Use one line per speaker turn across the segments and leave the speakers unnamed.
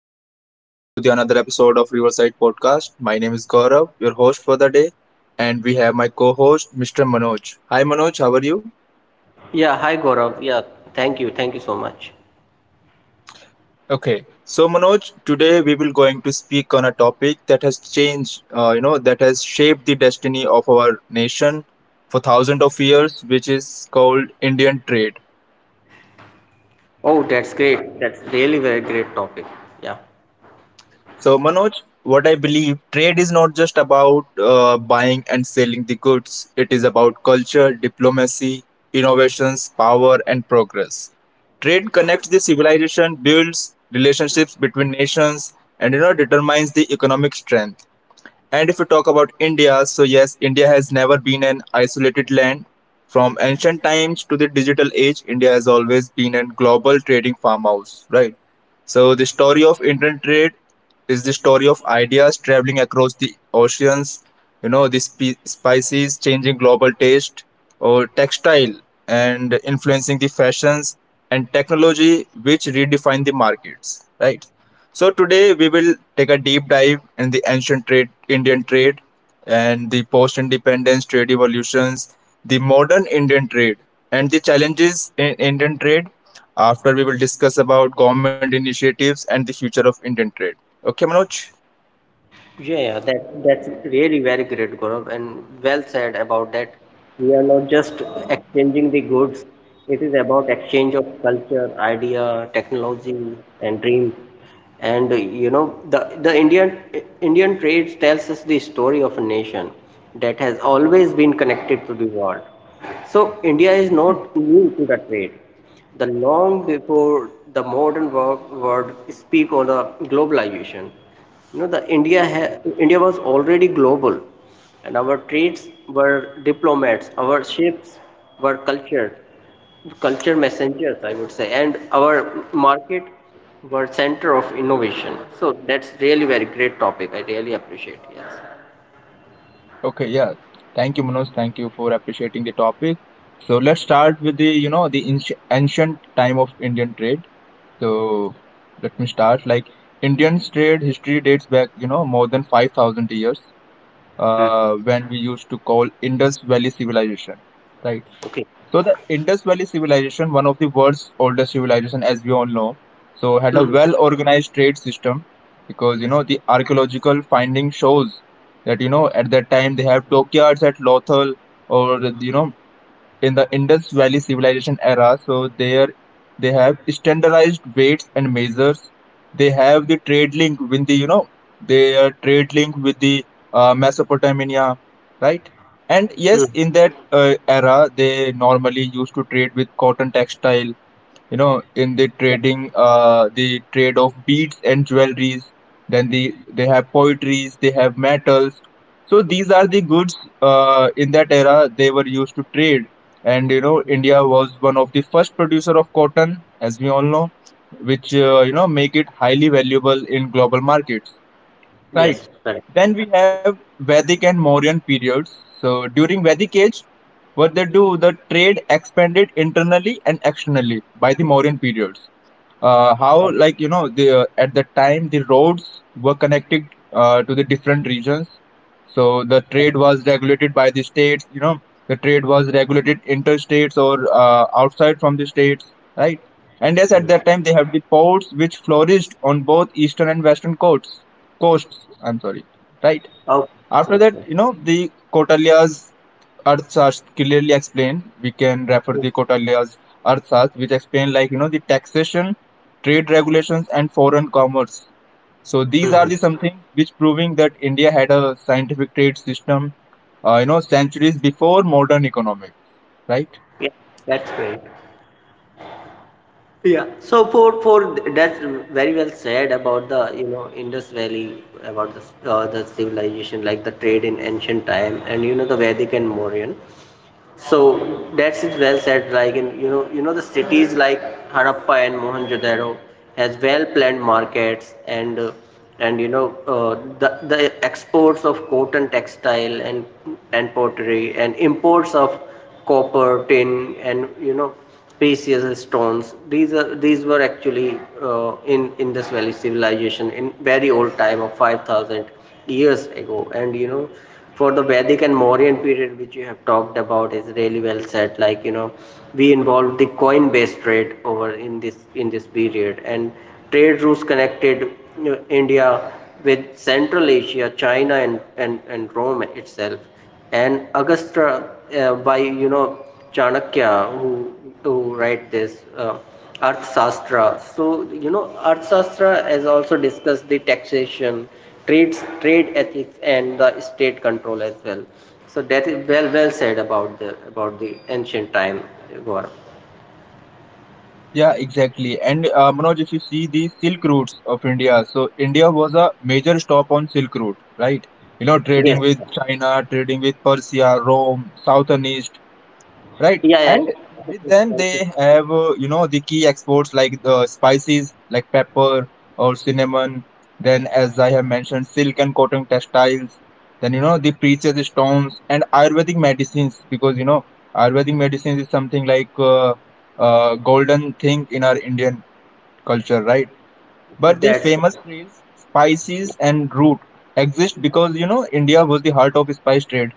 everyone, welcome to the another episode of Riverside Podcast. My name is Gaurav, your host for the day, and we have my co-host Mr. Manoj. Hi Manoj, how are you?
Yeah, hi Gaurav. Yeah, thank you. Thank you so much.
Okay. So Manoj, today we will going to speak on a topic that has changed, that has shaped the destiny of our nation for thousands of years, which is called Indian trade.
Oh, that's great. That's really very great topic. Yeah.
So, Manoj, what I believe trade is not just about buying and selling the goods. It is about culture, diplomacy, innovations, power, and progress. Trade connects the civilization, builds relationships between nations, and, you know, determines the economic strength. And if we talk about India, so yes, India has never been an isolated land. From ancient times to the digital age, India has always been a global trading farmhouse, right? So the story of Indian trade is the story of ideas traveling across the oceans, you know, the spices changing global taste or textile and influencing the fashions and technology which redefine the markets, right? So today we will take a deep dive in the ancient trade, Indian trade, and the post-independence trade evolutions, the modern Indian trade, and the challenges in Indian trade. After we will discuss about government initiatives and the future of Indian trade. Okay, Manoj.
Yeah, yeah, that's really very great, Gaurav, and well said about that. We are not just exchanging the goods. It is about exchange of culture, idea, technology, and dreams. And the the indian trade tells us the story of a nation that has always been connected to the world. So India is not new to the trade. The long before the modern world speak on the globalization, you know, india was already global, and our trades were diplomats, our ships were culture messengers, I would say, and our market were center of innovation. So that's really very great topic. I really appreciate. Yes.
Okay, yeah. Thank you, Manoj. Thank you for appreciating the topic. So let's start with the, you know, the ancient time of Indian trade. So let me start. Like Indian's trade history dates back, you know, more than 5,000 years,
Mhm.
when we used to call Indus Valley Civilization, right?
Okay.
So the Indus Valley civilization, one of the world's oldest civilization, as we all know, so had a
Hmm.
well-organized trade system because, you know, the archaeological finding shows that, you know, at that time they have dockyards at Lothal, or, you know, in the Indus Valley Civilization era. So there they have standardized weights and measures. They have the trade link with the, you know, their trade link with the Mesopotamia, right? And
Hmm.
yes, in
Hmm.
that era, they normally used to trade with cotton textile, you know, in the trading, the trade of beads and jewelries, then the they have poetries, they have metals. So these are the goods in that era they were used to trade. And you know, India was one of the first producer of cotton, as we all know, which, you know, make it highly valuable in global markets.
Yes,
Right.
correct.
Then we have Vedic and Mauryan periods. So during Vedic age, what they do, the trade expanded internally and externally by the Mauryan periods. How, like, you know, the at that time the roads were connected to the different regions, so the trade was regulated by the states, you know, the trade was regulated interstates or, outside from the states, right? And yes, at that time they have the ports which flourished on both eastern and western coasts, I'm sorry, right?
Okay. Yes,
After that,
yes.
you know, the Kotalya's Arthashastra clearly explained. We can refer the Kotalya's Arthashastra, which explain, like, you know, the taxation, trade regulations and foreign commerce. So these are
Mm-hmm.
the something which proving that India had a scientific trade system, you know, centuries before modern economics, right?
Yeah, that's great. Yeah. So for that's very well said about the, Indus Valley, about the civilization, like the trade in ancient time, and you know the Vedic and Mauryan. So that's it, well said. Like, in you know, the cities like Harappa and Mohenjo-daro has well planned markets, and you know, the exports of cotton textile and pottery, and imports of copper, tin, and you know, precious stones. These are, these were actually, in this valley civilization in very old time of 5,000 years ago. And you know, for the Vedic and Mauryan period, which you have talked about, is really well said. Like you know, we involved the coin-based trade over in this period, and trade routes connected, you know, India with Central Asia, China, and Rome itself, and Agastya, by you know, Chanakya who write this Arthashastra. So you know, Arthashastra has also discussed the taxation, trades, trade ethics, and the state control as well. So that is well said about the ancient time, Gaurav.
Yeah, exactly. And Manoj, if you see the Silk routes of India, so India was a major stop on Silk route, right? You know, trading
Yes.
with China, trading with Persia, Rome, South and East. Right,
Yeah, yeah.
and with them they have, you know, the key exports like the spices like pepper or cinnamon, then, as I have mentioned, silk and cotton textiles, then, you know, the precious stones and ayurvedic medicines, because, you know, ayurvedic medicines is something like golden thing in our Indian culture, right? But the
That's correct.
famous trails spices and root exist because, you know, India was the heart of spice trade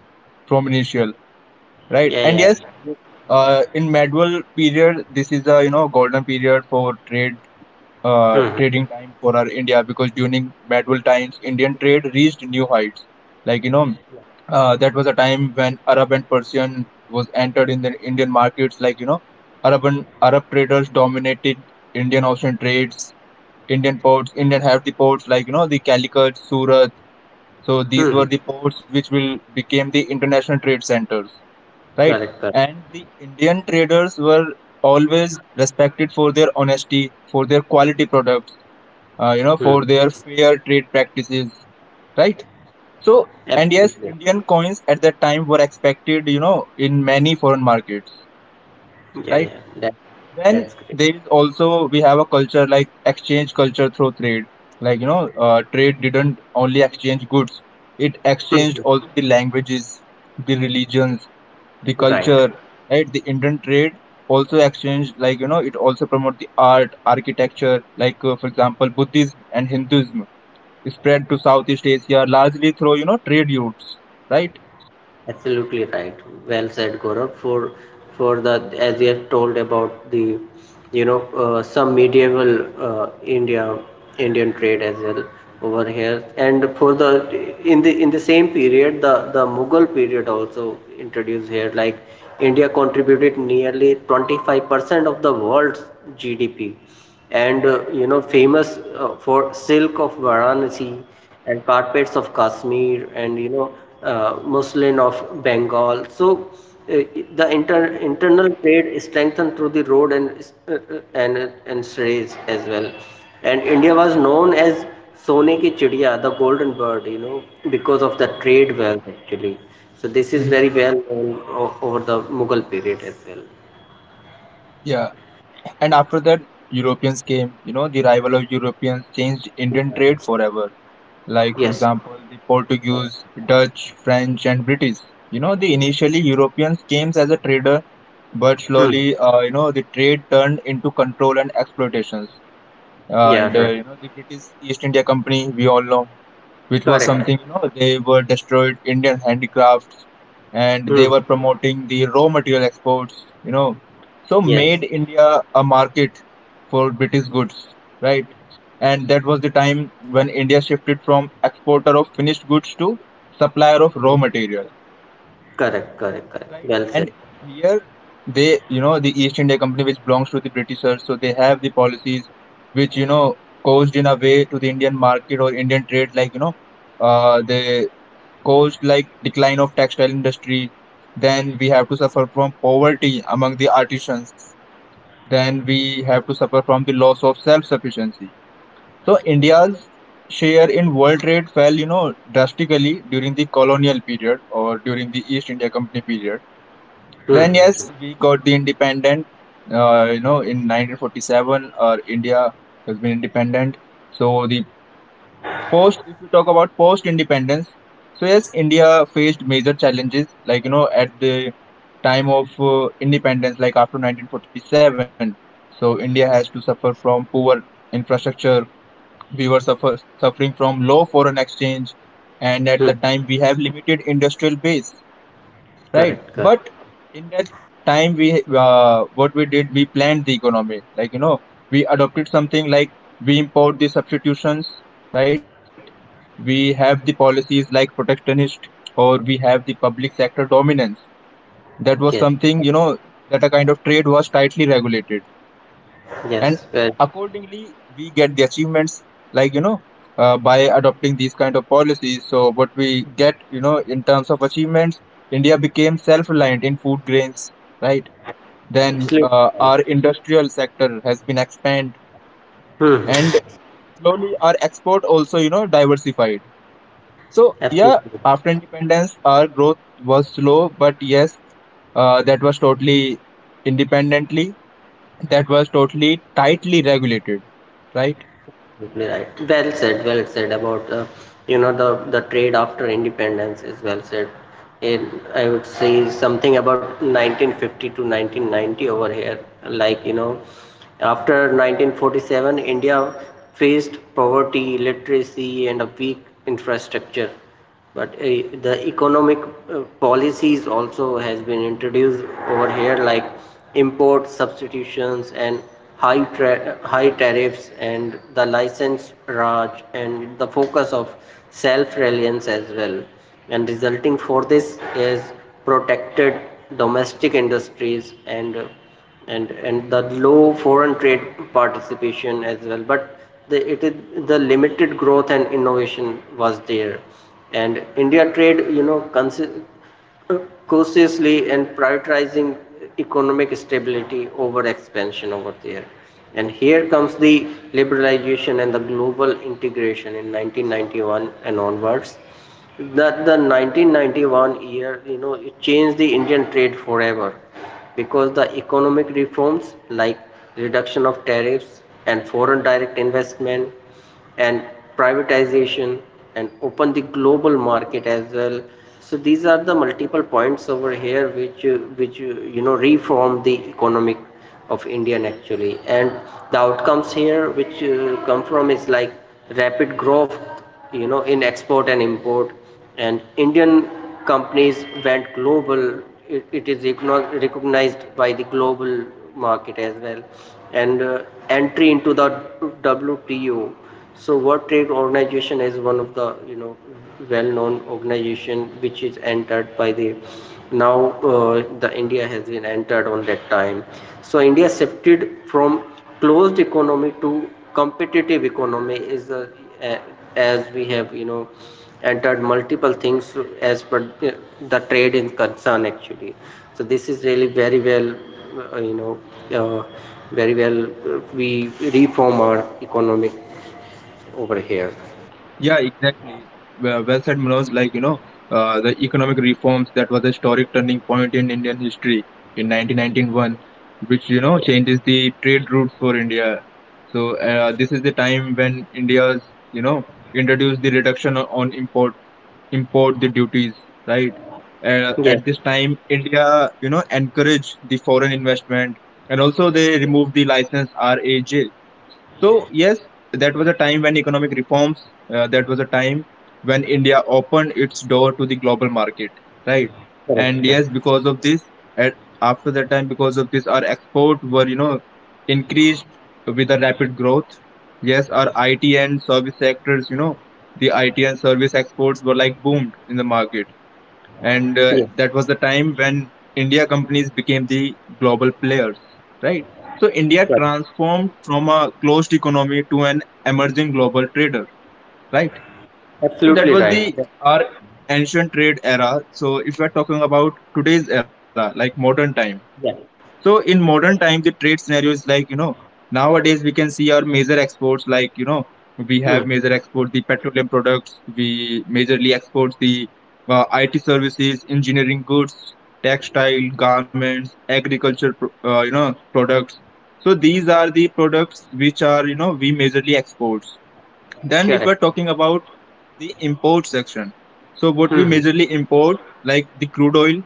from initial, right?
Yeah,
And
yeah.
yes, in medieval period, this is a, you know, golden period for trade,
Hmm.
trading time for our India, because during medieval times, Indian trade reached new heights. Like, you know, that was a time when Arab and Persian was entered in the Indian markets. Like, you know, Arab and Arab traders dominated Indian ocean trades. Indian ports, Indian have the ports like, you know, the Calicut, Surat. So these
Hmm.
were the ports which will became the international trade centers, right?
Correct, correct.
And the Indian traders were always respected for their honesty, for their quality products, you know,
Hmm.
for their fair trade practices, right? So, and yes,
Absolutely.
Indian coins at that time were expected, you know, in many foreign markets,
Yeah,
right?
yeah. That,
Then
that's great.
there is also we have a culture like exchange culture through trade. Like, you know, trade didn't only exchange goods; it exchanged
Mhm.
also the languages, the religions, the
Right,
culture. Right, the Indian trade also exchanged, like, you know, it also promote the art, architecture. Like, for example, Buddhism and Hinduism spread to Southeast Asia largely through, you know, trade routes. Right.
absolutely right. Well said, Gaurav. For the as you have told about you know, some medieval uh, India Indian trade as well over here, and for the, in the same period, the Mughal period also introduced here. Like, India contributed nearly 25% of the world's GDP, and you know, famous for silk of Varanasi, and carpets of Kashmir, and you know, muslin of Bengal. So uh, the internal trade is strengthened through the road, and strays as well. And India was known as Sone ki Chidiya, the golden bird, you know, because of the trade wealth actually. So this is
Mhm.
very well known over the Mughal period as well.
Yeah. And after that, Europeans came. You know, the arrival of Europeans changed Indian trade forever. Like, for
Yes.
example, the Portuguese, Dutch, French, and British. You know, the initially Europeans came as a trader, but
Hmm.
slowly, you know, the trade turned into control and exploitations.
Yeah.
And,
Right.
you know, the British East India Company, we all know, which was
Correct.
something, you know, they were destroyed Indian handicrafts, and they
Hmm.
were promoting the raw material exports, you know, so
Yes,
made India a market for British goods, right? And that was the time when India shifted from exporter of finished goods to supplier of raw material.
correct, correct, correct.
Right.
Well said.
And here they, you know, the East India Company, which belongs to the Britishers, so they have the policies which, you know, caused in a way to the Indian market or Indian trade, like, you know, they caused like decline of textile industry. Then we have to suffer from poverty among the artisans. Then we have to suffer from the loss of self-sufficiency. So India's share in world trade fell, you know, drastically during the colonial period or during the East India Company period. Then
Hmm.
yes, we got the independent. You know, in 1947, or India has been independent. So the post, if you talk about post-independence, so yes, India faced major challenges. Like, you know, at the time of independence, like after 1947, so India has to suffer from poor infrastructure. We were suffering from low foreign exchange, and at
Hmm.
the time we have limited industrial base, right?
Correct, correct.
But in that time we, what we did, we planned the economy, like, you know, we adopted something like we import the substitutions, right? We have the policies like protectionist, or we have the public sector dominance. That was
Yes,
something, you know, that a kind of trade was tightly regulated. And
yes. Well,
accordingly we get the achievements, like, you know, by adopting these kind of policies, so what we get, you know, in terms of achievements, India became self reliant in food grains, right? Then,
absolutely right.
our industrial sector has been expanded,
Hmm.
and
Hmm.
slowly our export also, you know, diversified. So yeah,
Absolutely,
after independence our growth was slow, but yes, that was totally independently, that was totally tightly regulated, right?
absolutely right. Well said. Well said about you know, the trade after independence is well said. In, I would say something about 1950 to 1990 over here. Like you know, after 1947, India faced poverty, illiteracy, and a weak infrastructure. But the economic policies also has been introduced over here, like import substitutions and high high tariffs, and the license raj, and the focus of self-reliance as well. And resulting for this is protected domestic industries, and the low foreign trade participation as well. But the, it is the limited growth and innovation was there. And India trade, you know, uh, cautiously and prioritizing economic stability over expansion over there. And here comes the liberalization and the global integration in 1991 and onwards. That the 1991 year, you know, it changed the Indian trade forever, because the economic reforms like reduction of tariffs, and foreign direct investment, and privatization, and open the global market as well. So these are the multiple points over here which you know, reform the economic of India actually. And the outcomes here which come from is like rapid growth, you know, in export and import. And Indian companies went global. It is recognized by the global market as well. And entry into the WTO. So World Trade Organization is one of the, you know, well-known organization which is entered by the, now the India has been entered on that time. So India shifted from closed economy to competitive economy, is a, as we have, you know, entered multiple things as per the trade in concern actually. So this is really uh, you know uh, very well, we reform our economic over here.
Yeah, exactly. Well, well said, Manoj. Like, you know, the economic reforms, that was a historic turning point in Indian history in 1991, which, you know, changes the trade routes for India. So, this is the time when India's, you know, introduced the reduction on import the duties, right?
Yes,
At this time, India, you know, encourage the foreign investment, and also they remove the license RAJ. So yes, that was a time when economic reforms. That was a time when India opened its door to the global market, right? And
correct, correct.
yes, because of this, at after that time, because of this our export were, you know, increased with a rapid growth. Yes, our IT and service sectors, you know, the IT and service exports were like boomed in the market. And,
Yes,
that was the time when India companies became the global players, right? So India
correct.
transformed from a closed economy to an emerging global trader, right? So that
Absolutely
was the
right.
our ancient trade era. So if we're talking about today's era, like modern time,
Yeah.
so in modern time, the trade scenario is like, you know, nowadays we can see our major exports like, you know, we have
Hmm.
major export the petroleum products, we majorly export the IT services, engineering goods, textile, garments, agriculture, you know, products. So these are the products which are, you know, we majorly export. Then, if we're
Correct.
talking about the import section, so what we
Hmm.
majorly import, like the crude oil,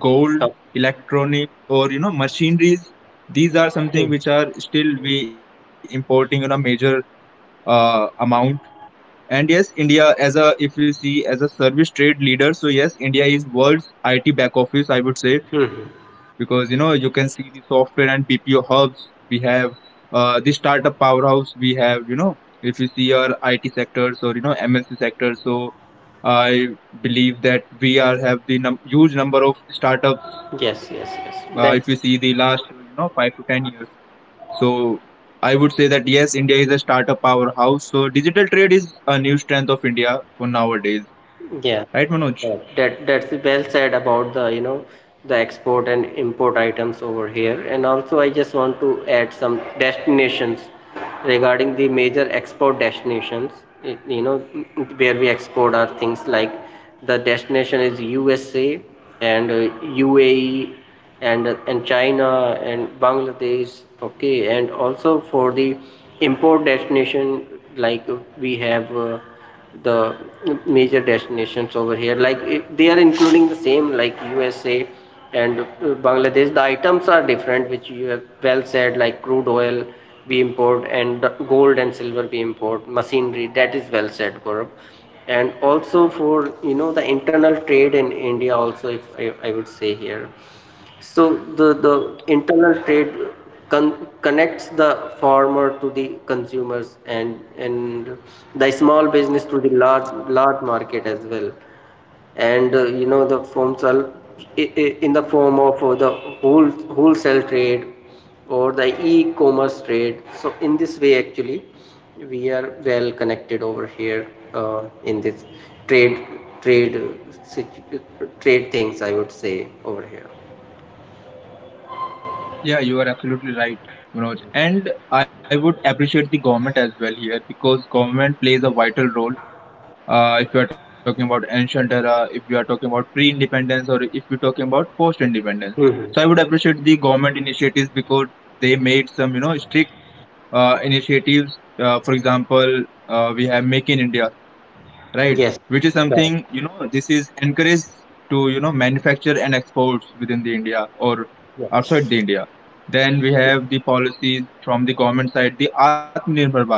gold,
Oh.
electronic, or machineries, these are something
Hmm.
which are still we importing on a major amount. And yes, India as a if we see as a service trade leader, so yes, India is world's IT back office, I would say,
Hmm. Hmm.
because you can see the software and BPO hubs we have, the startup powerhouse we have. You know, if you see our IT sectors or MNC sector, so I believe that we are have the huge number of startups.
Yes, yes, yes.
If you
That,
see the last 5 to 10 years, so I would say that yes, India is a startup powerhouse. So digital trade is a new strength of India for nowadays,
yeah.
right, Manoj?
Right. That's well said about the, you know, the export and import items over here. And also, I just want to add some destinations regarding the major export destinations, you know, where we export our things. Like the destination is USA, and UAE, and China and Bangladesh. Okay. And also for the import destination, like we have the major destinations over here, like they are including the same, like USA and Bangladesh. The items are different which you have well said, like crude oil we import, and gold and silver we import, machinery. That is well said, Gaurav. And also for, you know, the internal trade in India also, if I, I would say here. So the internal trade connects the farmer to the consumers, and the small business to the large market as well. And you know, the forms are in the form of the whole wholesale trade or the e-commerce trade. So in this way, actually, we are well connected over here in this trade trade uh, situ- trade things, I would say over here.
Yeah, you are absolutely right, Manoj. And I would appreciate the government as well here because government plays a vital role. If you are talking about ancient era, if you are talking about pre-independence, or if you're talking about post-independence,
Mhm.
so I would appreciate the government initiatives because they made some, you know, strict initiatives. For example, we have Make in India, right?
Yes.
Which is
Correct.
something, you know, this is encouraged to, you know, manufacture and exports within the India or outside the India. Then we have the policies from the government side, the Atmanirbhar Bharat.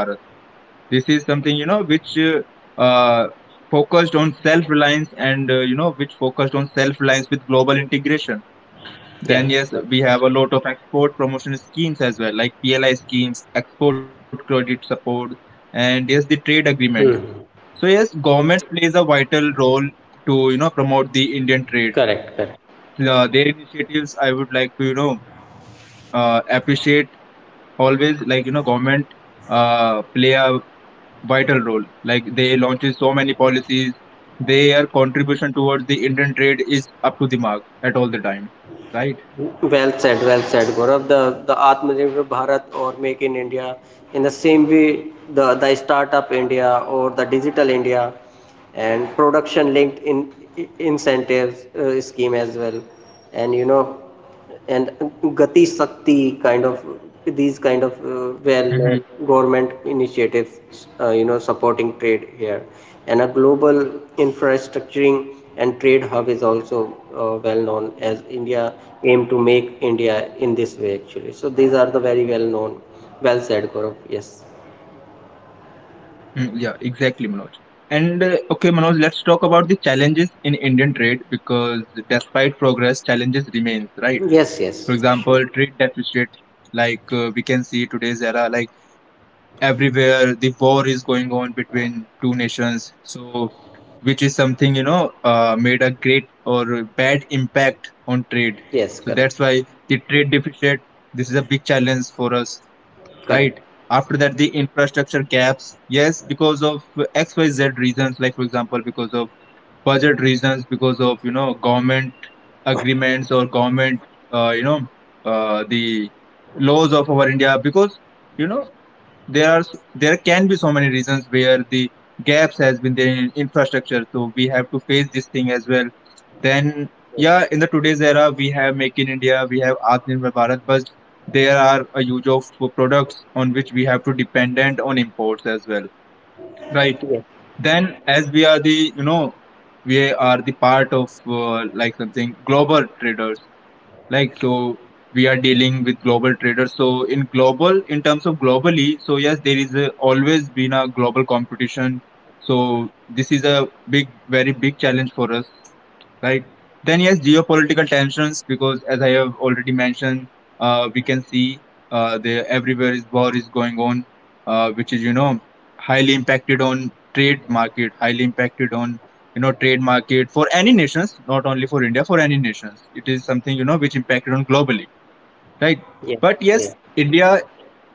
This is something, you know, which uh, focused on self-reliance and, you know, which focused on self-reliance with global integration.
Yeah.
Then, yes, we have a lot of export promotion schemes as well, like PLI schemes, export credit support, and yes, the trade agreements,
Hmm.
so yes, government plays a vital role to you know promote the Indian trade.
Correct. Correct.
Their initiatives, I would like to you know appreciate always. Like you know, government play a vital role. Like they launches so many policies. Their contribution towards the Indian trade is up to the mark at all the time, right?
Well said. Well said, Gaurav. The Atmanirbhar Bharat or Make in India, in the same way, the Startup India or the Digital India, and production linked in incentives scheme as well. And you know, and Gati Shakti kind of, these kind of well known
Mm-hmm.
government initiatives, you know, supporting trade here. And a global infrastructuring and trade hub is also, well known as India aim to make India in this way actually. So these are the very well known. Well said, Gaurav. Yes.
Yeah, exactly, Manoj. And okay, Manoj, let's talk about the challenges in Indian trade because despite progress, challenges remains, right?
Yes,
For
yes, sure.
example, trade deficit, like we can see today's era, like everywhere the war is going on between two nations. So, which is something you know made a great or bad impact on trade.
Yes,
So
correct,
that's why the trade deficit. This is a big challenge for us, right?
correct.
After that, the infrastructure gaps, yes, because of XYZ reasons, like for example, because of budget reasons, because of you know government agreements or government, uh, you know, the laws of our India, because you know there are there can be so many reasons where the gaps has been there in infrastructure, so we have to face this thing as well. Then yeah, in the today's era we have Make in India, we have Atmanirbhar Bharat, but there are a huge of products on which we have to dependent on imports as well, right?
Yes.
Then as we are the you know we are the part of like something global traders, like, so we are dealing with global traders so in global in terms of globally, so yes there is a, always been a global competition, so this is a big very big challenge for us, right? Then yes, geopolitical tensions because as I have already mentioned, we can see there everywhere is war is going on, which is you know highly impacted on trade market, highly impacted on you know trade market for any nations, not only for India, for any nations. It is something you know which impacted on globally, right?
Yeah,
But
yeah.
yes, India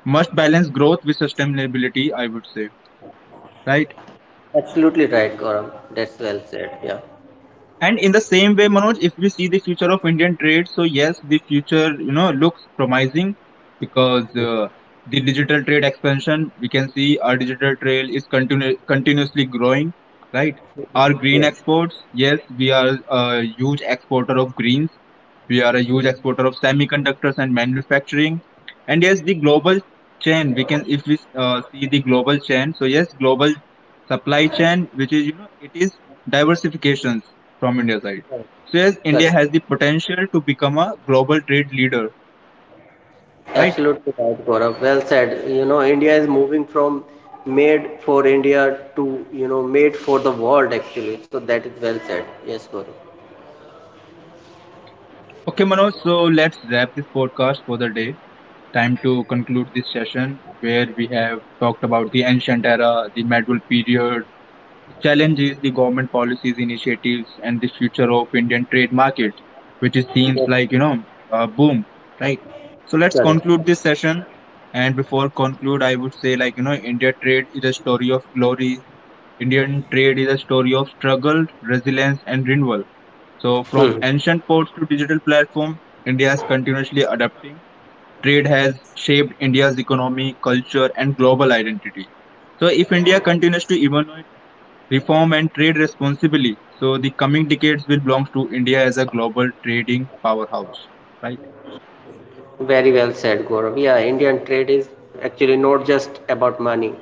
must balance growth with sustainability, I would say, right?
Absolutely right, Gaurav. That's well said. Yeah.
And in the same way, Manoj, if we see the future of Indian trade, so yes, the future you know looks promising because the digital trade expansion, we can see our digital trade is continuously growing, right?
Yeah.
Our green
Yes.
exports, yes, we are a huge exporter of greens, we are a huge exporter of semiconductors and manufacturing. And yes, the global chain, we can, if we see the global chain, so yes, global supply chain, which is, you know, it is diversifications from India side. So yes,
Correct.
India has the potential to become a global trade leader, right?
Absolutely right, Gaurav. Well said. You know, India is moving from made for India to, you know, made for the world actually. So that is well said. Yes, Gaurav.
Okay, Manoj, so let's wrap this podcast for the day, time to conclude this session where we have talked about the ancient era, the medieval period, the challenge is the government policies, initiatives, and the future of Indian trade market, which is
Yes,
seems like you know a boom, right? So let's
correct.
conclude this session. And before conclude, I would say like you know, India trade is a story of glory. Indian trade is a story of struggle, resilience, and renewal. So from
Hmm.
ancient ports to digital platform, India is continuously adapting. Trade has shaped India's economy, culture, and global identity. So if India continues to evolve, reform and trade responsibly, so the coming decades will belong to India as a global trading powerhouse. Right?
Very well said, Gaurav. Yeah, Indian trade is actually not just about money.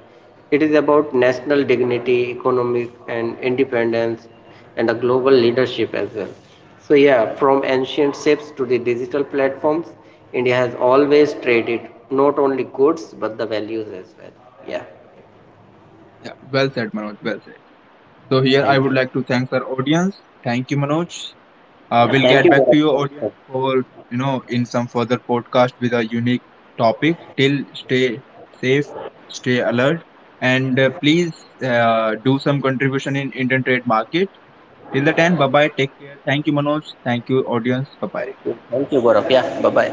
It is about national dignity, economic and independence, and a global leadership as well. So yeah, from ancient ships to the digital platforms, India has always traded not only goods but the values as well. Yeah.
Yeah. Well said, Manoj. Well said. So here I
Thank
would
you.
like to thank our audience. Thank you, Manoj. We'll
Thank
get
you,
back to
Gaurav.
your audience for you know in some further podcast with a unique topic. Till stay safe, stay alert, and please do some contribution in Indian trade market. Till the time, bye bye. Take care. Thank you, Manoj. Thank you, audience. Bye bye.
Thank you. Thank you, Gaurav. Yeah. Bye bye.